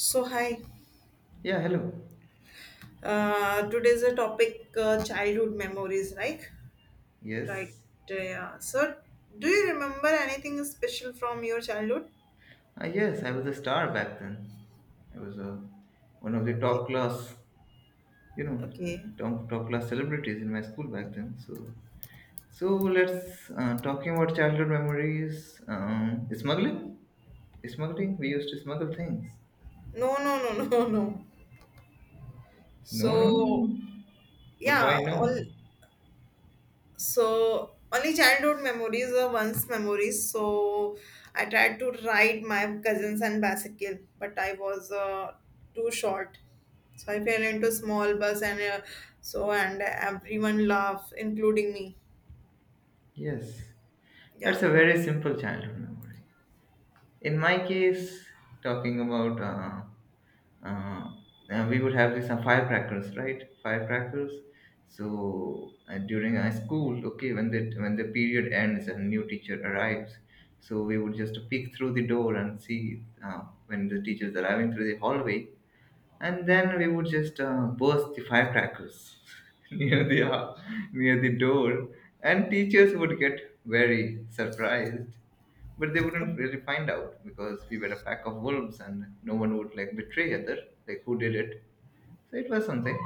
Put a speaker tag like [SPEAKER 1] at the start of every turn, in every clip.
[SPEAKER 1] So hi,
[SPEAKER 2] Yeah, hello.
[SPEAKER 1] today's a topic childhood memories, right? Right.
[SPEAKER 2] Yes.
[SPEAKER 1] Yeah. So, do you remember anything special from your childhood?
[SPEAKER 2] Ah, yes, I was a star back then. I was one of the
[SPEAKER 1] Okay.
[SPEAKER 2] top class, you know,
[SPEAKER 1] Okay.
[SPEAKER 2] top, top class celebrities in my school back then. So, let's talking about childhood memories. Smuggling, smuggling. We used to smuggle things.
[SPEAKER 1] No, no, no, no, no.
[SPEAKER 2] No, no,
[SPEAKER 1] So
[SPEAKER 2] no. But why
[SPEAKER 1] yeah,
[SPEAKER 2] no?
[SPEAKER 1] all so only childhood memories were once memories. So I tried to ride my cousins and bicycle, but I was too short. So I fell into small bus and and everyone laughed, including me.
[SPEAKER 2] Yes, that's
[SPEAKER 1] Yeah,
[SPEAKER 2] a very simple childhood memory. In my case, talking about uh, and we would have these firecrackers, right? Firecrackers. So during a school, okay, when the period ends and new teacher arrives, so we would just peek through the door and see when the teacher is arriving through the hallway, and then we would just burst the firecrackers near the ho- near the door, and teachers would get very surprised, but they wouldn't really find out because we were a pack of wolves, and no one would like betray other, like who did it. So it was something.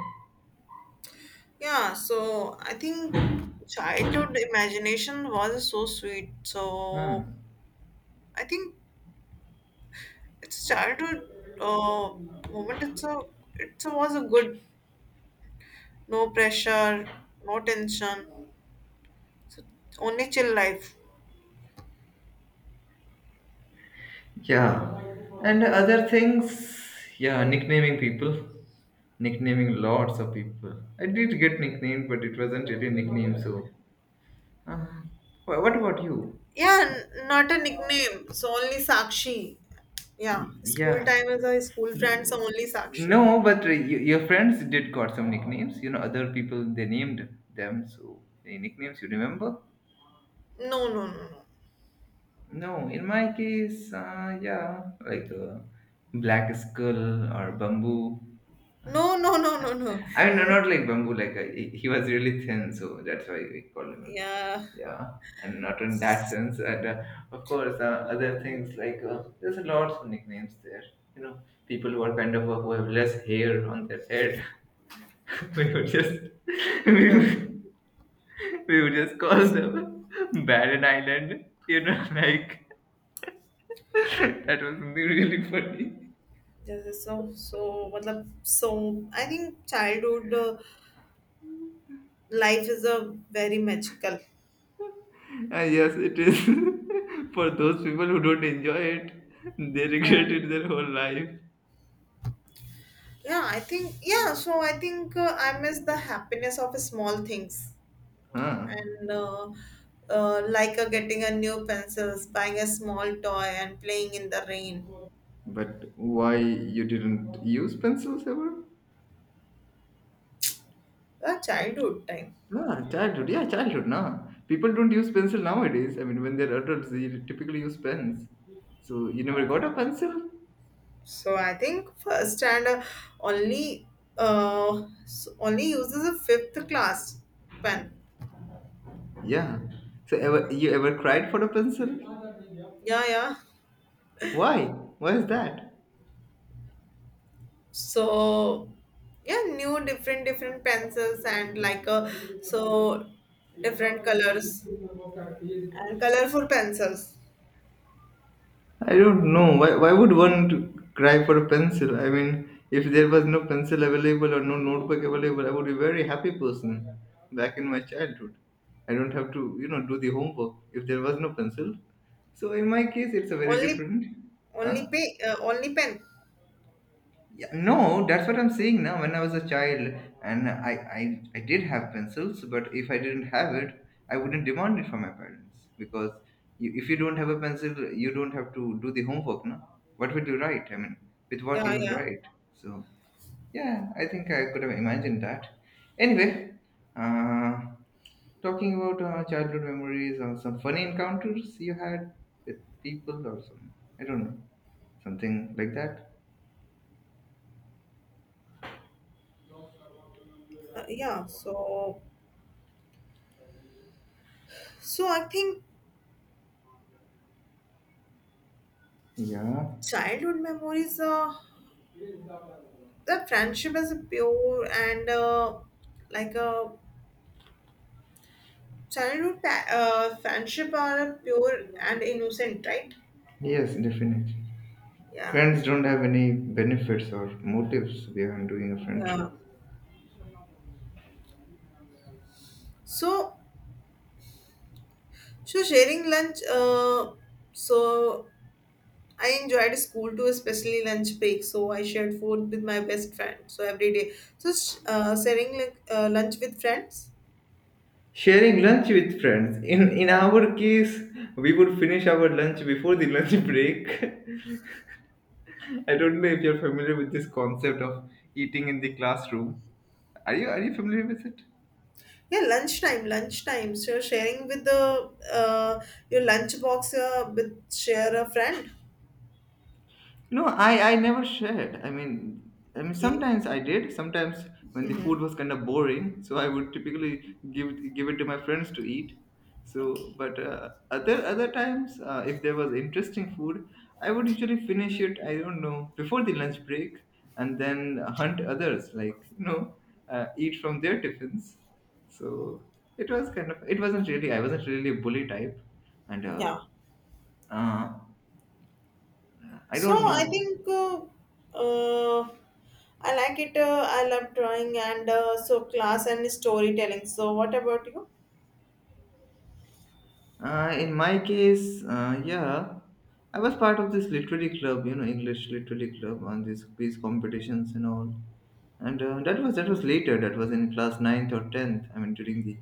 [SPEAKER 1] yeah. So I think childhood imagination was so sweet. So
[SPEAKER 2] Hmm.
[SPEAKER 1] I think it's childhood uh, moment. It was a good, no pressure, no tension. So only chill life.
[SPEAKER 2] Yeah, and other things. Yeah, nicknaming people, nicknaming lots of people. I did get nicknamed, but it wasn't really a nickname. So, uh, what about you?
[SPEAKER 1] Yeah, not a nickname. So only Sakshi. Yeah, school
[SPEAKER 2] Yeah.
[SPEAKER 1] time is our school friends are only Sakshi.
[SPEAKER 2] No, but your friends did got some nicknames. You know, other people they named them. So any nicknames you remember?
[SPEAKER 1] No, no, no, no.
[SPEAKER 2] No, in my case, yeah, like Black Skull or Bamboo.
[SPEAKER 1] No, no, no, no, no.
[SPEAKER 2] I mean, no, not like Bamboo. Like he was really thin, so that's why we called him Bamboo.
[SPEAKER 1] Yeah.
[SPEAKER 2] Yeah, and not in that sense. And of course, other things like there's a lot of nicknames there. You know, people who are kind of who have less hair on their head. We would just we
[SPEAKER 1] Yes.
[SPEAKER 2] would, we would just call
[SPEAKER 1] Yes.
[SPEAKER 2] them Barren Island, you know, like that was something really funny.
[SPEAKER 1] This is so matlab, so I think childhood life is a very magical.
[SPEAKER 2] And yes, it is for those people who don't enjoy it, they
[SPEAKER 1] Yeah.
[SPEAKER 2] regret it their whole life.
[SPEAKER 1] Yeah, I think yeah, so I think I miss the happiness of small things.
[SPEAKER 2] Huh.
[SPEAKER 1] And like getting a new pencils, buying a small toy, and playing in the rain.
[SPEAKER 2] But why you didn't use pencils ever?
[SPEAKER 1] A childhood time.
[SPEAKER 2] Ah, childhood, yeah, childhood, nah. People don't use pencil nowadays. I mean, when they're adults, they typically use pens. So you never got a pencil?
[SPEAKER 1] So I think first and only only uses a fifth class pen.
[SPEAKER 2] Yeah. So
[SPEAKER 1] Yeah,
[SPEAKER 2] ever you ever cried for a pencil?
[SPEAKER 1] yeah, yeah.
[SPEAKER 2] Why? Why is that?
[SPEAKER 1] So yeah, new different different pencils and like so different colors and colorful pencils.
[SPEAKER 2] I don't know. Why would one to cry for a pencil? I mean, if there was no pencil available or no notebook available, I would be a very happy person back in my childhood. I don't have to, you know, do the homework if there was no pencil. So in my case, it's a very
[SPEAKER 1] Only
[SPEAKER 2] different. Huh?
[SPEAKER 1] only pay only pen.
[SPEAKER 2] Yeah, no, that's what I'm saying now. When I was a child, and I did have pencils, but if I didn't have it, I wouldn't demand it from my parents because you, if you don't have a pencil, you don't have to do the homework, no? What would you write? I mean, with what you
[SPEAKER 1] Yeah,
[SPEAKER 2] will
[SPEAKER 1] yeah.
[SPEAKER 2] write? So yeah, I think I could have imagined that. Anyway, uh, talking about childhood memories or some funny encounters you had with people or some, I don't know, something like that.
[SPEAKER 1] Yeah, so I think
[SPEAKER 2] Yeah.
[SPEAKER 1] childhood memories, the friendship is pure and like a childhood friendship are pure and innocent, right?
[SPEAKER 2] Yes, definitely.
[SPEAKER 1] Yeah,
[SPEAKER 2] Friends don't have any benefits or motives behind doing a
[SPEAKER 1] yeah.
[SPEAKER 2] friendship.
[SPEAKER 1] So so sharing lunch. So I enjoyed school too, especially lunch break. So I shared food with my best friend. So every day, sharing like, lunch with friends.
[SPEAKER 2] Sharing lunch with friends. In our case, we would finish our lunch before the lunch break. I don't know if you're familiar with this concept of eating in the classroom. Are you familiar with it?
[SPEAKER 1] Yeah, lunchtime, lunchtime. So you sharing with the your lunch box with share a friend.
[SPEAKER 2] No, I never shared. I mean
[SPEAKER 1] Okay.
[SPEAKER 2] sometimes I did. Sometimes when the
[SPEAKER 1] Mm-hmm.
[SPEAKER 2] food was kind of boring, so I would typically give it to my friends to eat. So,
[SPEAKER 1] Okay.
[SPEAKER 2] but other times, if there was interesting food, I would usually finish it. I don't know before the lunch break, and then hunt others like, you know, eat from their tiffins. So it was kind of, it wasn't really, I wasn't really a bully type, and
[SPEAKER 1] Yeah.
[SPEAKER 2] uh, I
[SPEAKER 1] So
[SPEAKER 2] don't
[SPEAKER 1] I
[SPEAKER 2] know.
[SPEAKER 1] think uh, I like it. I love drawing and so class and storytelling. So what about you?
[SPEAKER 2] In my case, yeah, I was part of this literary club, you know, English literary club, on these quiz competitions and all. And that was later. That was in class ninth or tenth. I mean, during the,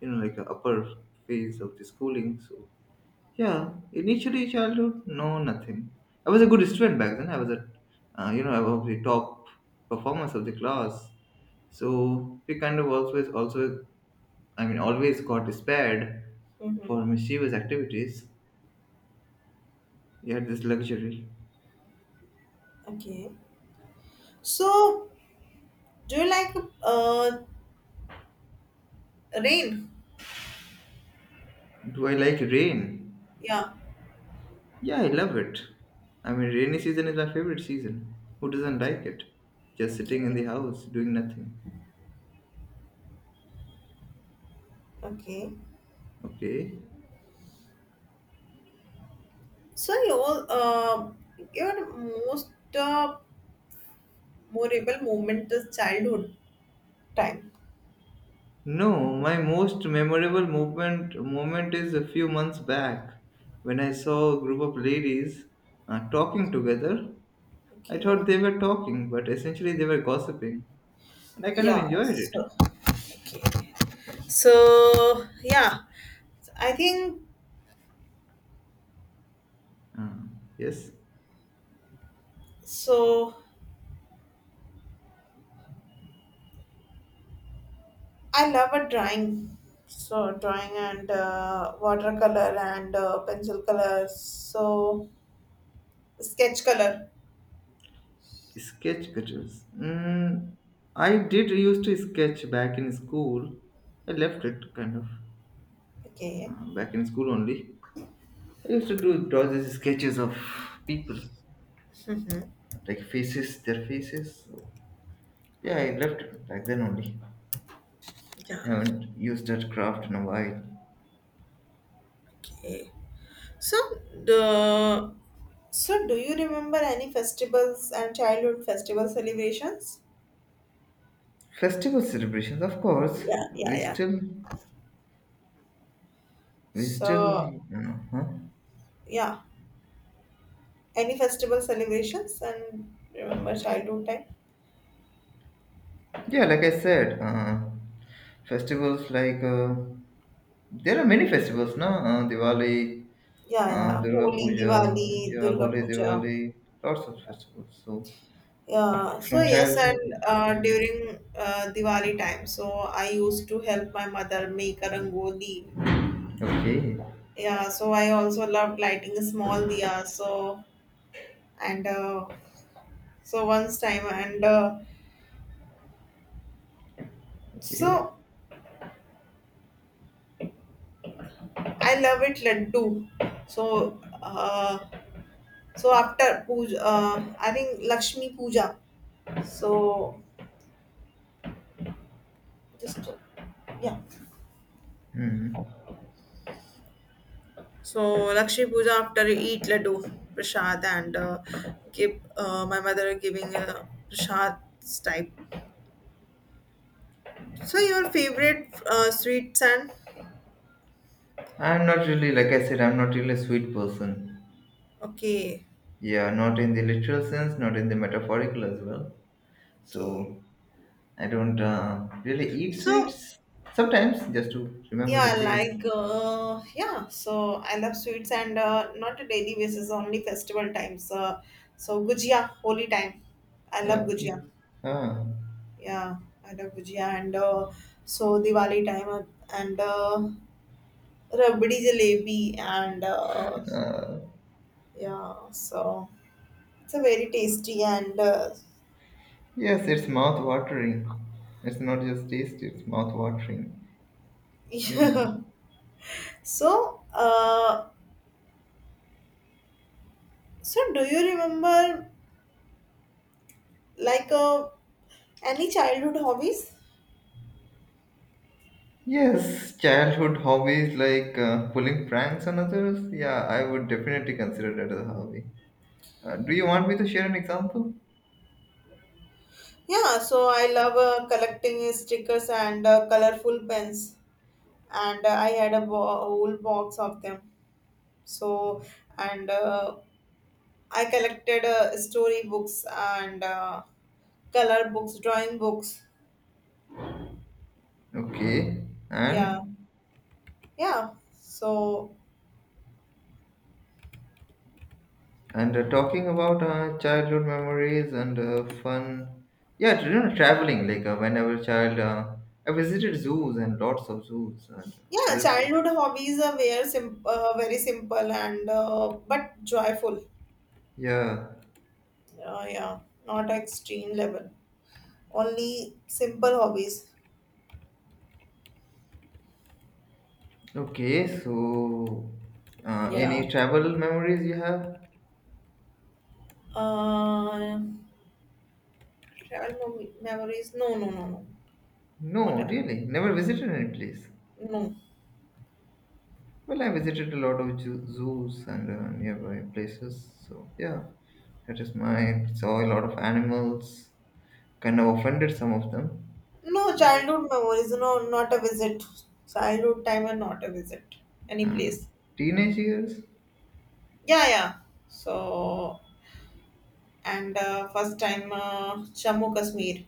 [SPEAKER 2] you know, like upper phase of the schooling. So yeah, initially childhood, no, nothing. I was a good student back then. I was a, you know, I was the top performers of the class. So we kind of always also, I mean, always got spared
[SPEAKER 1] Mm-hmm.
[SPEAKER 2] for mischievous activities. You had this luxury.
[SPEAKER 1] Okay. So do you like uh, rain?
[SPEAKER 2] Do I like rain?
[SPEAKER 1] Yeah.
[SPEAKER 2] Yeah, I love it. I mean, rainy season is my favorite season. Who doesn't
[SPEAKER 1] Okay.
[SPEAKER 2] like it? Just sitting in
[SPEAKER 1] Okay.
[SPEAKER 2] the house doing nothing.
[SPEAKER 1] Okay.
[SPEAKER 2] Okay.
[SPEAKER 1] So your most uh, memorable moment is childhood time.
[SPEAKER 2] No, my most memorable movement moment is a few months back when I saw a group of ladies talking together. I thought
[SPEAKER 1] Okay.
[SPEAKER 2] they were talking, but essentially they were gossiping, and I kind of
[SPEAKER 1] Yeah.
[SPEAKER 2] enjoyed it.
[SPEAKER 1] So, yeah, I think
[SPEAKER 2] Uh, yes.
[SPEAKER 1] so. I love a drawing. So drawing and watercolor and pencil color. So sketch color.
[SPEAKER 2] Sketch cutters. Mm, I did used to sketch back in school. I left it kind of
[SPEAKER 1] Okay.
[SPEAKER 2] back in school only. I used to do draw these sketches of people, like faces, their faces. So, yeah, I left it back then only.
[SPEAKER 1] Yeah.
[SPEAKER 2] Haven't used that craft in a while.
[SPEAKER 1] Okay. So, the so do you remember any festivals and childhood festival celebrations?
[SPEAKER 2] Festival celebrations, of course.
[SPEAKER 1] Yeah, yeah,
[SPEAKER 2] We
[SPEAKER 1] yeah.
[SPEAKER 2] still, we still,
[SPEAKER 1] So,
[SPEAKER 2] you know, huh?
[SPEAKER 1] yeah, any festival celebrations and remember childhood time?
[SPEAKER 2] Yeah, like I said, festivals like. There are many festivals, no? Diwali,
[SPEAKER 1] Yeah, yeah,
[SPEAKER 2] Durga
[SPEAKER 1] Holi,
[SPEAKER 2] Puja,
[SPEAKER 1] Diwali,
[SPEAKER 2] yeah,
[SPEAKER 1] Durga
[SPEAKER 2] Holi,
[SPEAKER 1] Puja.
[SPEAKER 2] Diwali, lots of festivals. So
[SPEAKER 1] Yeah, so
[SPEAKER 2] from
[SPEAKER 1] yes,
[SPEAKER 2] childhood,
[SPEAKER 1] and during Diwali time, so I used to help my mother make a rangoli.
[SPEAKER 2] okay,
[SPEAKER 1] Yeah, so I also loved lighting a small diya. So and So once time and
[SPEAKER 2] okay.
[SPEAKER 1] so I love it laddu. So uh, so after puja, I think Lakshmi puja. So just yeah.
[SPEAKER 2] Hmm.
[SPEAKER 1] So Lakshmi puja after you eat laddu prasad and give my mother giving a prasad type. So your favorite sweets and
[SPEAKER 2] I'm not really, like I said, I'm not really a sweet person.
[SPEAKER 1] okay
[SPEAKER 2] Yeah, not in the literal sense, not in the metaphorical as well.
[SPEAKER 1] okay.
[SPEAKER 2] So I don't really eat
[SPEAKER 1] So
[SPEAKER 2] sweets. Sometimes just to remember
[SPEAKER 1] yeah,
[SPEAKER 2] the taste.
[SPEAKER 1] like yeah. So I love sweets and not a daily basis, only festival times. So gujia, holy time. I love gujia.
[SPEAKER 2] Okay. Ah.
[SPEAKER 1] Yeah, I love gujia and so Diwali time and rabdi jalebi and yeah. So it's a very tasty and
[SPEAKER 2] Yes, it's mouth watering. It's not just tasty, it's mouth watering. You know.
[SPEAKER 1] yeah. So uh, so do you remember like any childhood hobbies?
[SPEAKER 2] Yes, childhood hobbies like pulling pranks on others. Yeah, I would definitely consider that as a hobby. Do you want me to share an example?
[SPEAKER 1] Yeah, so I love collecting stickers and colorful pens, and I had a whole box of them. So, and I collected story books and color books, drawing books.
[SPEAKER 2] Okay.
[SPEAKER 1] Yeah, yeah. So,
[SPEAKER 2] And talking about childhood memories and fun. Yeah, you know, traveling like when I was a child, I visited zoos and lots of zoos and
[SPEAKER 1] yeah,
[SPEAKER 2] other
[SPEAKER 1] childhood
[SPEAKER 2] places.
[SPEAKER 1] hobbies are very, very simple and but joyful.
[SPEAKER 2] Yeah,
[SPEAKER 1] Yeah, not extreme level. Only simple hobbies.
[SPEAKER 2] okay, so
[SPEAKER 1] Yeah.
[SPEAKER 2] any travel memories you have?
[SPEAKER 1] Uh, Travel memories? No, no, no, no. Not
[SPEAKER 2] No,
[SPEAKER 1] a,
[SPEAKER 2] really, never visited any place.
[SPEAKER 1] no.
[SPEAKER 2] Well, I visited a lot of zoos and nearby places, so yeah, that is my Saw a lot of animals, kind of offended some of them.
[SPEAKER 1] No
[SPEAKER 2] But
[SPEAKER 1] childhood memories. No, not a visit. Childhood time and not a visit. Any
[SPEAKER 2] uh,
[SPEAKER 1] place.
[SPEAKER 2] teenage years,
[SPEAKER 1] Yeah, yeah. So and first time Jammu Kashmir.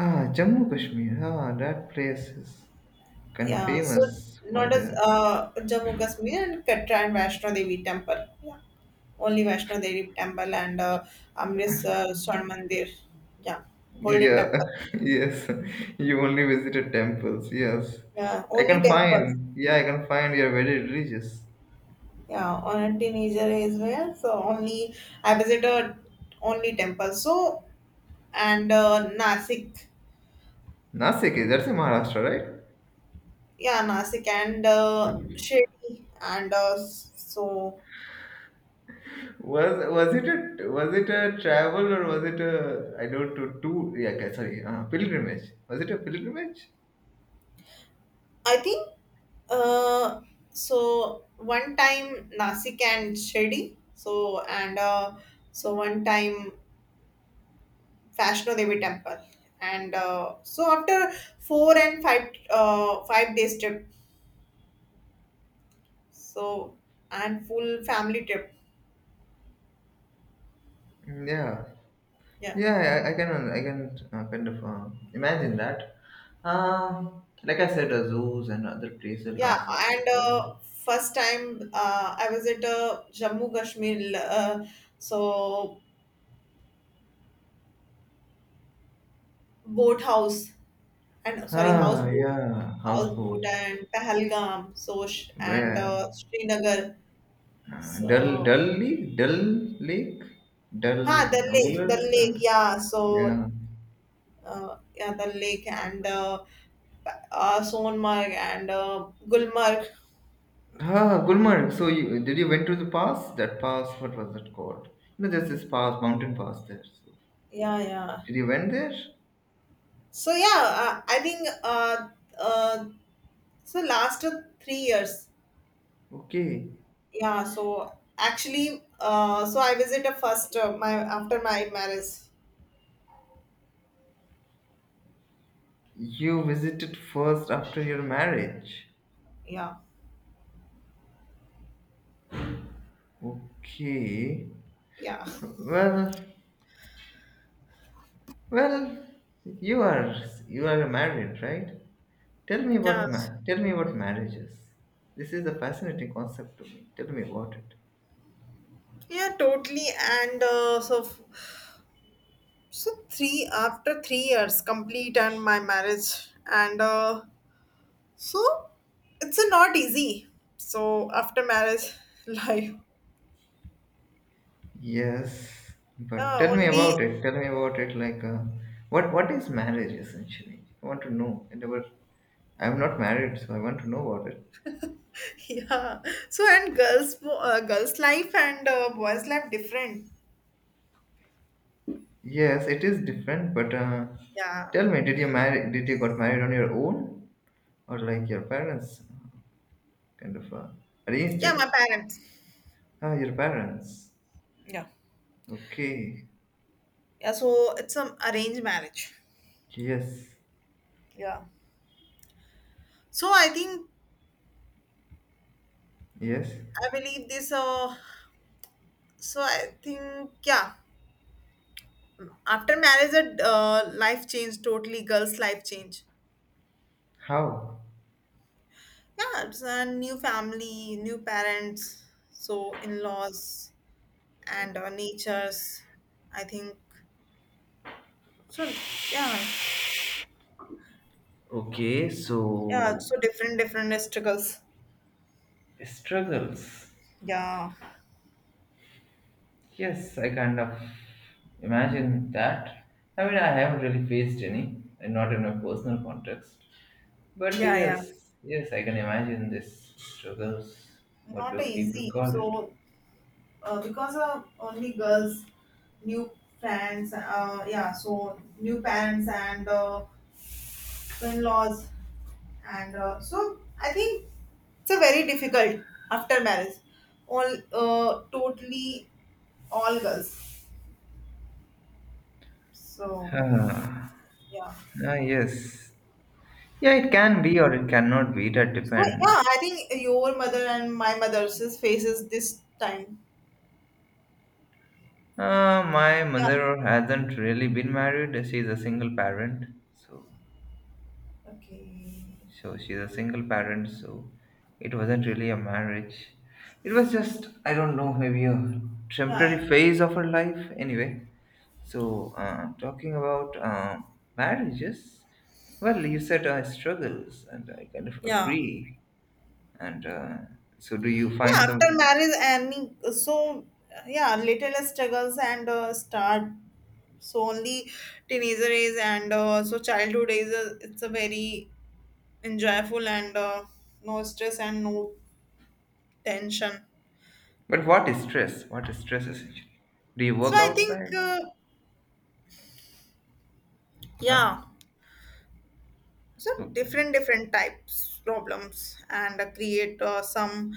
[SPEAKER 2] ah, Jammu Kashmir, ah, that place is kind of
[SPEAKER 1] Yeah. So
[SPEAKER 2] famous for
[SPEAKER 1] not as
[SPEAKER 2] their
[SPEAKER 1] Jammu Kashmir and Katra and Vaishno Devi temple. Yeah. Only Vaishno Devi temple and Amritsar Swan Mandir. Yeah. Golden
[SPEAKER 2] Yeah,
[SPEAKER 1] temple.
[SPEAKER 2] yes. You only visited temples. Yes.
[SPEAKER 1] Yeah.
[SPEAKER 2] I
[SPEAKER 1] Only
[SPEAKER 2] can
[SPEAKER 1] temple.
[SPEAKER 2] find. Yeah, I can find you're very religious.
[SPEAKER 1] Yeah, on a teenager as well, so only I visited only temple. So and Nasik,
[SPEAKER 2] Nasik is that's in Maharashtra, right?
[SPEAKER 1] yeah, Nasik, and Shirdi, and so
[SPEAKER 2] Was it a was it a travel or was it a, I don't know, tour? Yeah, okay, sorry, pilgrimage. Was it a pilgrimage?
[SPEAKER 1] I think uh, so one time Nasik and Shirdi. So and so one time Vaishno Devi temple, and so after four and five 5 days trip, so and full family trip.
[SPEAKER 2] Yeah,
[SPEAKER 1] Yeah.
[SPEAKER 2] yeah, I can kind of imagine that. Like I said, zoos and other places,
[SPEAKER 1] Yeah,
[SPEAKER 2] lots of
[SPEAKER 1] and
[SPEAKER 2] places.
[SPEAKER 1] first time I was at Jammu Kashmir, so boat house and sorry, house
[SPEAKER 2] Ah,
[SPEAKER 1] boat,
[SPEAKER 2] yeah, houseboats.
[SPEAKER 1] and Pahalgam, so and
[SPEAKER 2] Where?
[SPEAKER 1] Srinagar.
[SPEAKER 2] Dal
[SPEAKER 1] So
[SPEAKER 2] Dal Lake, Dal Lake, Dal Wooler,
[SPEAKER 1] the lake,
[SPEAKER 2] and
[SPEAKER 1] yeah. So
[SPEAKER 2] yeah,
[SPEAKER 1] yeah, the lake and Sonmarg and Gulmarg.
[SPEAKER 2] ah, Gulmarg. So you did you went to the pass? That pass, what was that called? You know, there's this pass, mountain pass there. So
[SPEAKER 1] Yeah, yeah.
[SPEAKER 2] did you went there?
[SPEAKER 1] So yeah, I think uh, so last 3 years.
[SPEAKER 2] Okay,
[SPEAKER 1] Yeah, so actually, so I visited first my after my marriage.
[SPEAKER 2] you visited first after your marriage.
[SPEAKER 1] Yeah,
[SPEAKER 2] Okay,
[SPEAKER 1] yeah,
[SPEAKER 2] well, well, you are you are married, right? Tell me about
[SPEAKER 1] yes,
[SPEAKER 2] man. Tell me about marriages. This is a fascinating concept to me. Tell me about it.
[SPEAKER 1] yeah, totally. And so, so three after 3 years complete and my marriage, and so it's not easy. So after marriage, life.
[SPEAKER 2] Yes, but
[SPEAKER 1] Yeah,
[SPEAKER 2] tell me
[SPEAKER 1] only
[SPEAKER 2] about it. Tell me about it. Like, what is marriage essentially? I want to know. I never. I'm not married, so I want to know about it.
[SPEAKER 1] yeah. So and girls' life and boys' life different.
[SPEAKER 2] Yes, it is different. But
[SPEAKER 1] Yeah,
[SPEAKER 2] tell me, did you marry? Did you got married on your own, or like your parents kind of arranged
[SPEAKER 1] yeah. My
[SPEAKER 2] it?
[SPEAKER 1] parents.
[SPEAKER 2] Ah, your parents.
[SPEAKER 1] Yeah.
[SPEAKER 2] Okay.
[SPEAKER 1] Yeah, so it's some arranged marriage.
[SPEAKER 2] Yes.
[SPEAKER 1] Yeah. So I think
[SPEAKER 2] Yes.
[SPEAKER 1] I believe this. So I think yeah. After marriage, the life change totally. Girls' life change.
[SPEAKER 2] How?
[SPEAKER 1] Yeah, it's a new family, new parents, so in-laws and natures. I think so. Yeah,
[SPEAKER 2] Okay, so
[SPEAKER 1] yeah. So different, different struggles.
[SPEAKER 2] struggles.
[SPEAKER 1] Yeah,
[SPEAKER 2] Yes, I kind of imagine that. I mean, I haven't really faced any, and not in my personal context. But
[SPEAKER 1] yeah,
[SPEAKER 2] yes, yes, I can imagine this struggles.
[SPEAKER 1] yeah.
[SPEAKER 2] What
[SPEAKER 1] Not
[SPEAKER 2] would people
[SPEAKER 1] easy.
[SPEAKER 2] call it?
[SPEAKER 1] Because only girls, new parents, yeah, so new parents and in-laws, and so I think it's a very difficult after marriage, all totally all girls. So
[SPEAKER 2] Ah,
[SPEAKER 1] yeah,
[SPEAKER 2] ah, yes. Yeah, it can be or it cannot be. That
[SPEAKER 1] so
[SPEAKER 2] depends.
[SPEAKER 1] yeah, I think your mother and my mother's faces this time.
[SPEAKER 2] My
[SPEAKER 1] Yeah,
[SPEAKER 2] mother hasn't really been married. She's a single parent, so.
[SPEAKER 1] okay,
[SPEAKER 2] So she's a single parent, so it wasn't really a marriage. It was just, I don't know, maybe a temporary
[SPEAKER 1] yeah, yeah,
[SPEAKER 2] phase of her life. Anyway, so talking about marriages, well, you said struggles, and I kind of
[SPEAKER 1] yeah.
[SPEAKER 2] agree. And so, do you find
[SPEAKER 1] Yeah, after
[SPEAKER 2] some?
[SPEAKER 1] marriage and so yeah, little struggles and start, so only teenager is, and so childhood is it's a very enjoyable, and no stress and no tension.
[SPEAKER 2] But what is stress? What is stress essentially? Do you
[SPEAKER 1] So
[SPEAKER 2] work
[SPEAKER 1] I think,
[SPEAKER 2] outside? Huh?
[SPEAKER 1] yeah, so
[SPEAKER 2] Okay.
[SPEAKER 1] different different types problems and create some.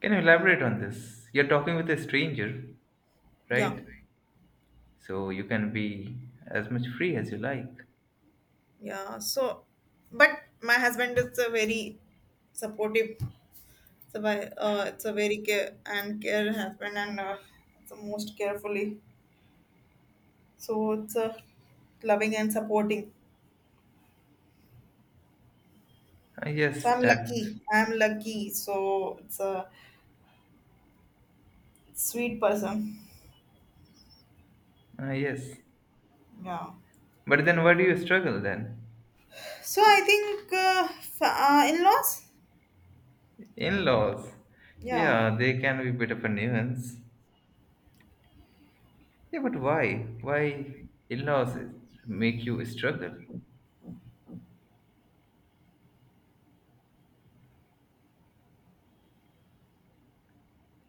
[SPEAKER 2] Can you elaborate on this? You're talking with a stranger,
[SPEAKER 1] Yeah,
[SPEAKER 2] right? So you can be as much free as you like.
[SPEAKER 1] yeah, so but my husband is a very supportive. It's a very care and care husband, and it's the most carefully. So it's loving and supporting.
[SPEAKER 2] Ah,
[SPEAKER 1] So
[SPEAKER 2] yes,
[SPEAKER 1] I'm
[SPEAKER 2] that.
[SPEAKER 1] lucky. I'm lucky. So it's a sweet person.
[SPEAKER 2] Ah, yes.
[SPEAKER 1] Yeah.
[SPEAKER 2] But then why do you struggle then?
[SPEAKER 1] So I think in-laws.
[SPEAKER 2] In laws.
[SPEAKER 1] Yeah.
[SPEAKER 2] Yeah, they can be a bit of a nuisance. Yeah, but why? Why in laws make you struggle?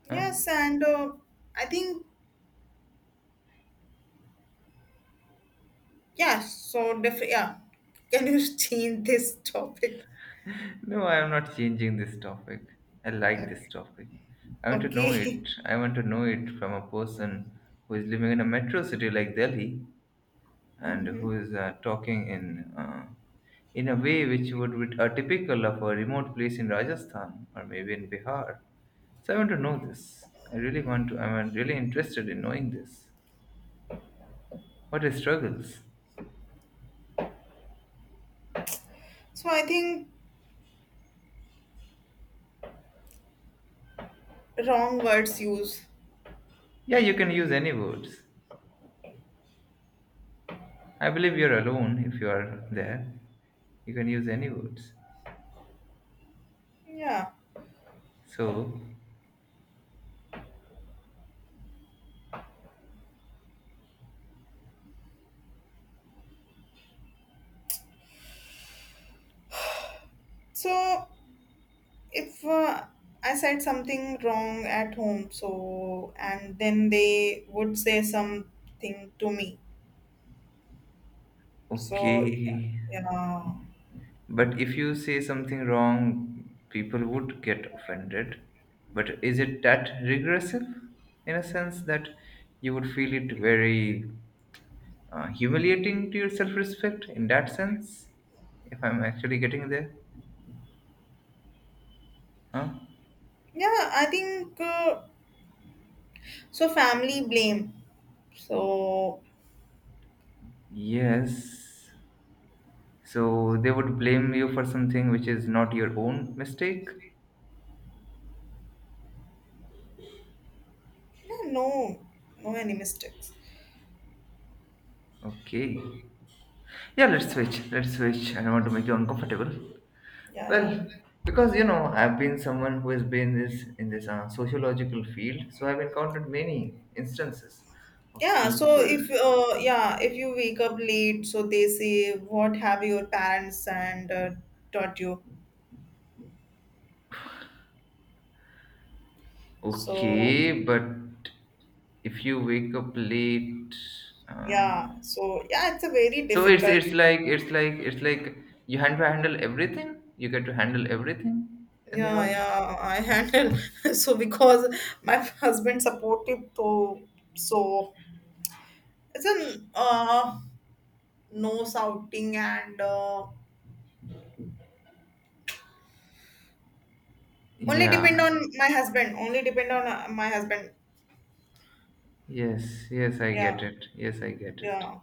[SPEAKER 2] Huh?
[SPEAKER 1] Yes, and I think yeah. So yeah. Can you change this topic?
[SPEAKER 2] No, I am not changing this topic. I like this topic. I want to know
[SPEAKER 1] Okay.
[SPEAKER 2] it. I want to know it from a person who is living in a metro city like Delhi, and who is talking in a way which would be typical of a remote place in Rajasthan or maybe in Bihar. So I want to know this. I really want to. I'm really interested in knowing this. What are struggles?
[SPEAKER 1] So I think wrong words used.
[SPEAKER 2] Yeah, you can use any words. I believe you're alone if you are there. You can use any words.
[SPEAKER 1] Yeah.
[SPEAKER 2] So,
[SPEAKER 1] So if I said something wrong at home, so and then they would say something to me. So, okay,
[SPEAKER 2] okay.
[SPEAKER 1] yeah,
[SPEAKER 2] But if you say something wrong, people would get offended. But is it that regressive? In a sense that you would feel it very humiliating to your self respect, in that sense, if I'm actually getting there. Huh?
[SPEAKER 1] yeah, I think so. Family blame. So
[SPEAKER 2] Yes. So they would blame you for something which is not your own mistake?
[SPEAKER 1] yeah, no, no any mistakes.
[SPEAKER 2] Okay. Yeah, let's
[SPEAKER 1] Yeah,
[SPEAKER 2] switch. Let's switch. I don't want to make you uncomfortable.
[SPEAKER 1] yeah, yeah.
[SPEAKER 2] Well, because you know, I've been someone who has been this in this sociological field, so I've encountered many instances of
[SPEAKER 1] Yeah, so
[SPEAKER 2] people.
[SPEAKER 1] if you wake up late, so they say, "What have your parents and taught you?" So
[SPEAKER 2] Okay, but if you wake up late, uh,
[SPEAKER 1] yeah, so yeah, it's a very
[SPEAKER 2] so it's
[SPEAKER 1] difficult.
[SPEAKER 2] it's like it's like it's like you have to handle everything. You get to handle everything in the
[SPEAKER 1] Yeah,
[SPEAKER 2] house.
[SPEAKER 1] yeah, I handle, so because my husband supportive, so it's an no shouting and only
[SPEAKER 2] Yeah.
[SPEAKER 1] depend on my husband, only depend on my husband.
[SPEAKER 2] Yes. Yes, I
[SPEAKER 1] Yeah,
[SPEAKER 2] get it. Yes, I get it.
[SPEAKER 1] yeah,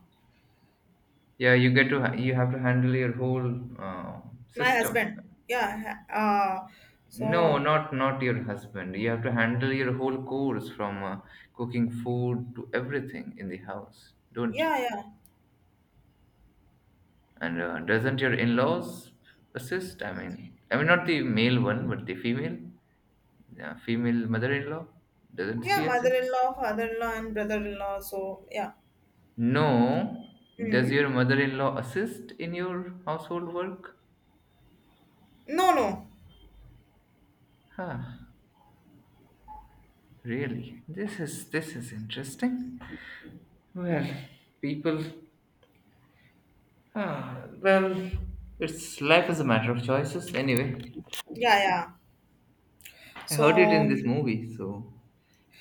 [SPEAKER 2] Yeah, you get to you have to handle your whole
[SPEAKER 1] my
[SPEAKER 2] system.
[SPEAKER 1] husband. Yeah,
[SPEAKER 2] No,
[SPEAKER 1] so
[SPEAKER 2] not your husband. You have to handle your whole course from cooking food to everything in the house, don't you?
[SPEAKER 1] yeah, yeah,
[SPEAKER 2] And doesn't your in-laws assist? I mean not the male one, but the female, female mother-in-law. Doesn't
[SPEAKER 1] yeah,
[SPEAKER 2] she assist?
[SPEAKER 1] mother-in-law, father-in-law, and brother-in-law, so yeah.
[SPEAKER 2] No. Does
[SPEAKER 1] Mm.
[SPEAKER 2] your mother-in-law assist in your household work?
[SPEAKER 1] No, no,
[SPEAKER 2] Huh, really? This is interesting. Well, people. Ah, well, it's life is a matter of choices. Anyway,
[SPEAKER 1] yeah, yeah,
[SPEAKER 2] I heard it
[SPEAKER 1] so
[SPEAKER 2] in this movie. So,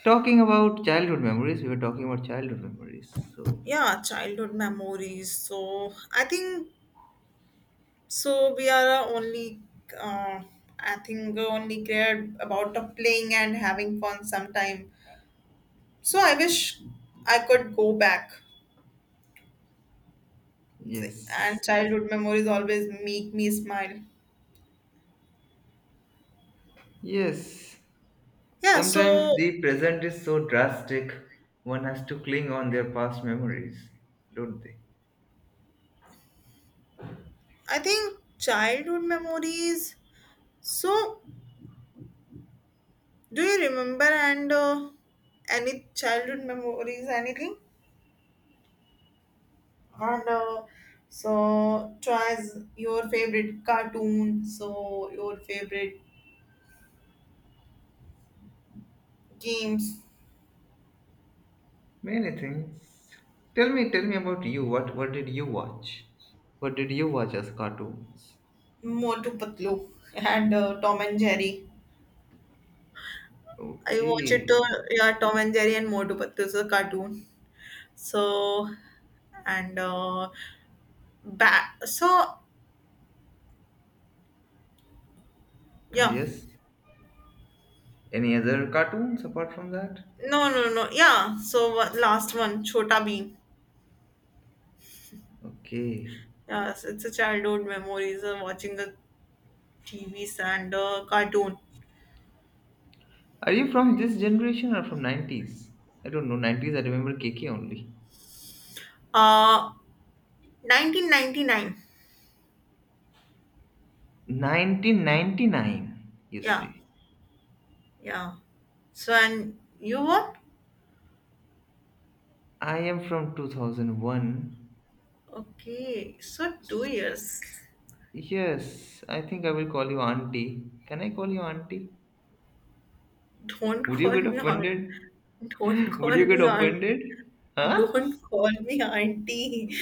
[SPEAKER 2] talking about childhood memories, we were talking about childhood memories. So,
[SPEAKER 1] yeah, childhood memories. So I think so we are only, uh, I think only cared about the playing and having fun sometime. So I wish I could go back, and
[SPEAKER 2] yes,
[SPEAKER 1] childhood memories always make me smile.
[SPEAKER 2] yes.
[SPEAKER 1] Yeah,
[SPEAKER 2] Sometimes
[SPEAKER 1] so
[SPEAKER 2] the present is so drastic, one has to cling on their past memories, don't they?
[SPEAKER 1] I think childhood memories. So do you remember, and any childhood memories, anything. And so, choice your favorite cartoon, so your favorite games.
[SPEAKER 2] Many things. Tell me about you. What did you watch? What did you watch as cartoons?
[SPEAKER 1] Motu Patlu and Tom and Jerry. I watch it,
[SPEAKER 2] Okay.
[SPEAKER 1] yeah, Tom and Jerry and Motu Patlu is a cartoon. So, and back, so
[SPEAKER 2] Ah
[SPEAKER 1] yeah,
[SPEAKER 2] yes. Any other cartoons apart from that?
[SPEAKER 1] no, no, no, yeah. So, last one, Chota Bheem.
[SPEAKER 2] Okay.
[SPEAKER 1] Yes, it's a childhood memories watching the TVs and cartoon.
[SPEAKER 2] Are you from this generation or from 90s? I don't know. 90s, I remember KK only.
[SPEAKER 1] Uh, 1999.
[SPEAKER 2] 1999, you
[SPEAKER 1] Yeah,
[SPEAKER 2] say.
[SPEAKER 1] yeah. So and you what?
[SPEAKER 2] I am from 2001.
[SPEAKER 1] Okay, so 2 years.
[SPEAKER 2] Yes, I think I will call you auntie. Can I call you auntie?
[SPEAKER 1] Don't
[SPEAKER 2] Would you
[SPEAKER 1] call
[SPEAKER 2] get
[SPEAKER 1] me aunt.
[SPEAKER 2] offended?
[SPEAKER 1] Don't
[SPEAKER 2] Would
[SPEAKER 1] call
[SPEAKER 2] you get
[SPEAKER 1] me aunt.
[SPEAKER 2] offended? Huh?
[SPEAKER 1] Don't call me auntie.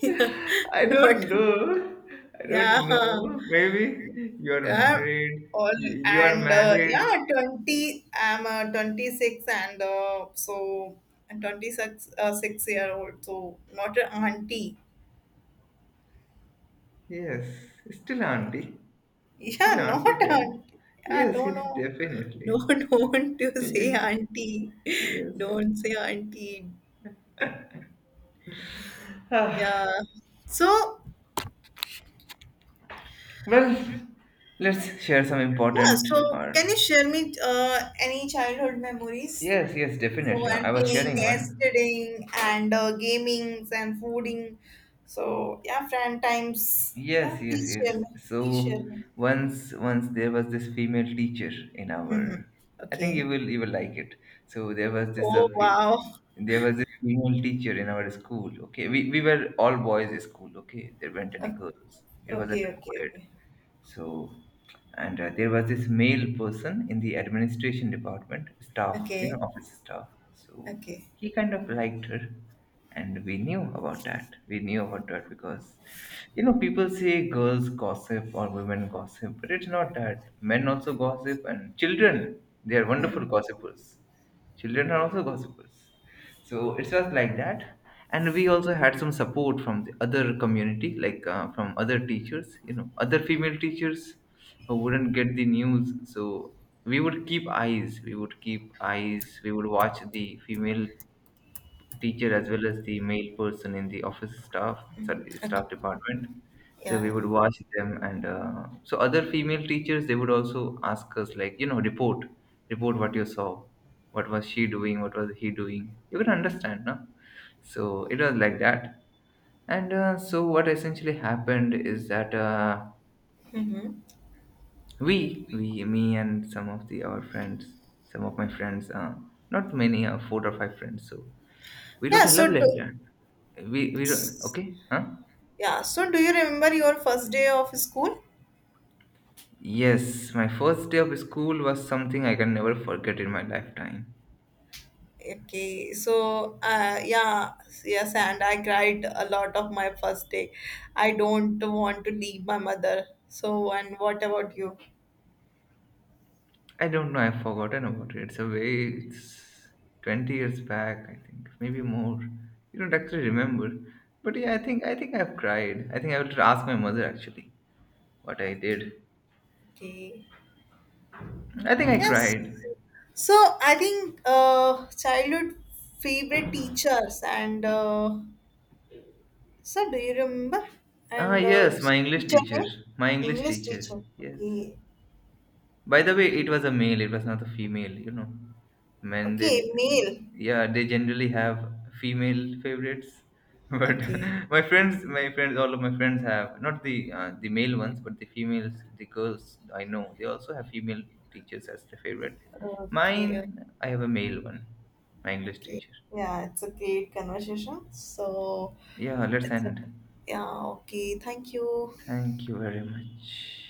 [SPEAKER 1] yeah,
[SPEAKER 2] I
[SPEAKER 1] not
[SPEAKER 2] don't know. I don't
[SPEAKER 1] yeah.
[SPEAKER 2] know. Maybe you're
[SPEAKER 1] Yeah.
[SPEAKER 2] married.
[SPEAKER 1] All
[SPEAKER 2] You are
[SPEAKER 1] and
[SPEAKER 2] married.
[SPEAKER 1] yeah, 20. I'm 26 and so I'm 26 6 year old. So not an auntie.
[SPEAKER 2] Yes, still auntie, still
[SPEAKER 1] Yeah, not
[SPEAKER 2] auntie there.
[SPEAKER 1] auntie. Yeah,
[SPEAKER 2] Yes,
[SPEAKER 1] no,
[SPEAKER 2] yes,
[SPEAKER 1] no.
[SPEAKER 2] definitely.
[SPEAKER 1] No, don't you say
[SPEAKER 2] Yes,
[SPEAKER 1] auntie.
[SPEAKER 2] yes.
[SPEAKER 1] Don't say auntie. Yeah. So,
[SPEAKER 2] Well, let's share some
[SPEAKER 1] yeah,
[SPEAKER 2] important
[SPEAKER 1] so
[SPEAKER 2] or
[SPEAKER 1] can you share me any childhood memories?
[SPEAKER 2] yes, yes,
[SPEAKER 1] So,
[SPEAKER 2] definitely. I
[SPEAKER 1] and
[SPEAKER 2] was
[SPEAKER 1] playing,
[SPEAKER 2] sharing one.
[SPEAKER 1] yesterday, and gamings and fooding. So, yeah, friend times. Yeah,
[SPEAKER 2] Yes, yes,
[SPEAKER 1] please
[SPEAKER 2] yes.
[SPEAKER 1] share me. Please share
[SPEAKER 2] So
[SPEAKER 1] me.
[SPEAKER 2] once, once there was this female teacher in
[SPEAKER 1] Mm-hmm.
[SPEAKER 2] our. I think
[SPEAKER 1] Okay.
[SPEAKER 2] you will like it. So there was this
[SPEAKER 1] Oh, wow.
[SPEAKER 2] there was this female teacher in our school. Okay, we were all boys school. Okay, there weren't any girls. It wasn't
[SPEAKER 1] Okay,
[SPEAKER 2] a
[SPEAKER 1] okay,
[SPEAKER 2] co-ed.
[SPEAKER 1] okay.
[SPEAKER 2] So, and there was this male person in the administration department, staff, you know,
[SPEAKER 1] Okay,
[SPEAKER 2] office staff. So
[SPEAKER 1] okay.
[SPEAKER 2] he kind of liked her, and we knew about that. We knew about that because, you know, people say girls gossip or women gossip, but it's not that. Men also gossip, and children, they are wonderful
[SPEAKER 1] Mm.
[SPEAKER 2] gossipers. Children are also gossipers. So it was like that. And we also had some support from the other community, like from other teachers, you know, other female teachers who wouldn't get the news. So we would keep eyes, we would watch the female teacher as well as the male person in the office staff, sorry,
[SPEAKER 1] Okay.
[SPEAKER 2] staff department, so
[SPEAKER 1] Yeah.
[SPEAKER 2] we
[SPEAKER 1] Yeah.
[SPEAKER 2] would watch them, and so other female teachers, they would also ask us, like, you know, report what you saw, what was she doing, what was he doing, you can understand, no? So it was like that, and so what essentially happened is that,
[SPEAKER 1] Mm-hmm.
[SPEAKER 2] we me and some of the our friends, some of my friends, not many, four or five friends, so we wrote
[SPEAKER 1] Yeah.
[SPEAKER 2] a love
[SPEAKER 1] So do,
[SPEAKER 2] letter. We wrote, okay, huh?
[SPEAKER 1] yeah. So do you remember your first day of school?
[SPEAKER 2] Yes, my first day of school was something I can never forget in my lifetime.
[SPEAKER 1] Okay. So yeah. Yes, and I cried a lot of my first day. I don't want to leave my mother. So and what about you?
[SPEAKER 2] I don't know, I've forgotten about it. It's a way, it's 20 years back, I think, maybe more. You don't actually remember. But yeah, I think I've cried. I think I will ask my mother actually what I
[SPEAKER 1] Okay.
[SPEAKER 2] did.
[SPEAKER 1] Okay.
[SPEAKER 2] I think I
[SPEAKER 1] Yes.
[SPEAKER 2] cried.
[SPEAKER 1] So I think childhood favorite teachers and sir, do you remember?
[SPEAKER 2] Ah,
[SPEAKER 1] And
[SPEAKER 2] yes, my English
[SPEAKER 1] teacher
[SPEAKER 2] teacher.
[SPEAKER 1] name?
[SPEAKER 2] My English
[SPEAKER 1] English
[SPEAKER 2] teacher.
[SPEAKER 1] teacher.
[SPEAKER 2] Yes.
[SPEAKER 1] Okay.
[SPEAKER 2] By the way, it was a male. It was not a female. You know, men they,
[SPEAKER 1] Okay, mail.
[SPEAKER 2] yeah, they generally have female favorites. But
[SPEAKER 1] Okay.
[SPEAKER 2] my friends, all of my friends have not the the male ones, but the females, the girls I know, they also have female teachers as their favorite.
[SPEAKER 1] Okay.
[SPEAKER 2] Mine, I have a male one, my English
[SPEAKER 1] Okay.
[SPEAKER 2] teacher.
[SPEAKER 1] Yeah, it's a great conversation. So,
[SPEAKER 2] Yeah, let's
[SPEAKER 1] it's a,
[SPEAKER 2] end.
[SPEAKER 1] yeah, okay. Thank you.
[SPEAKER 2] Thank you very much.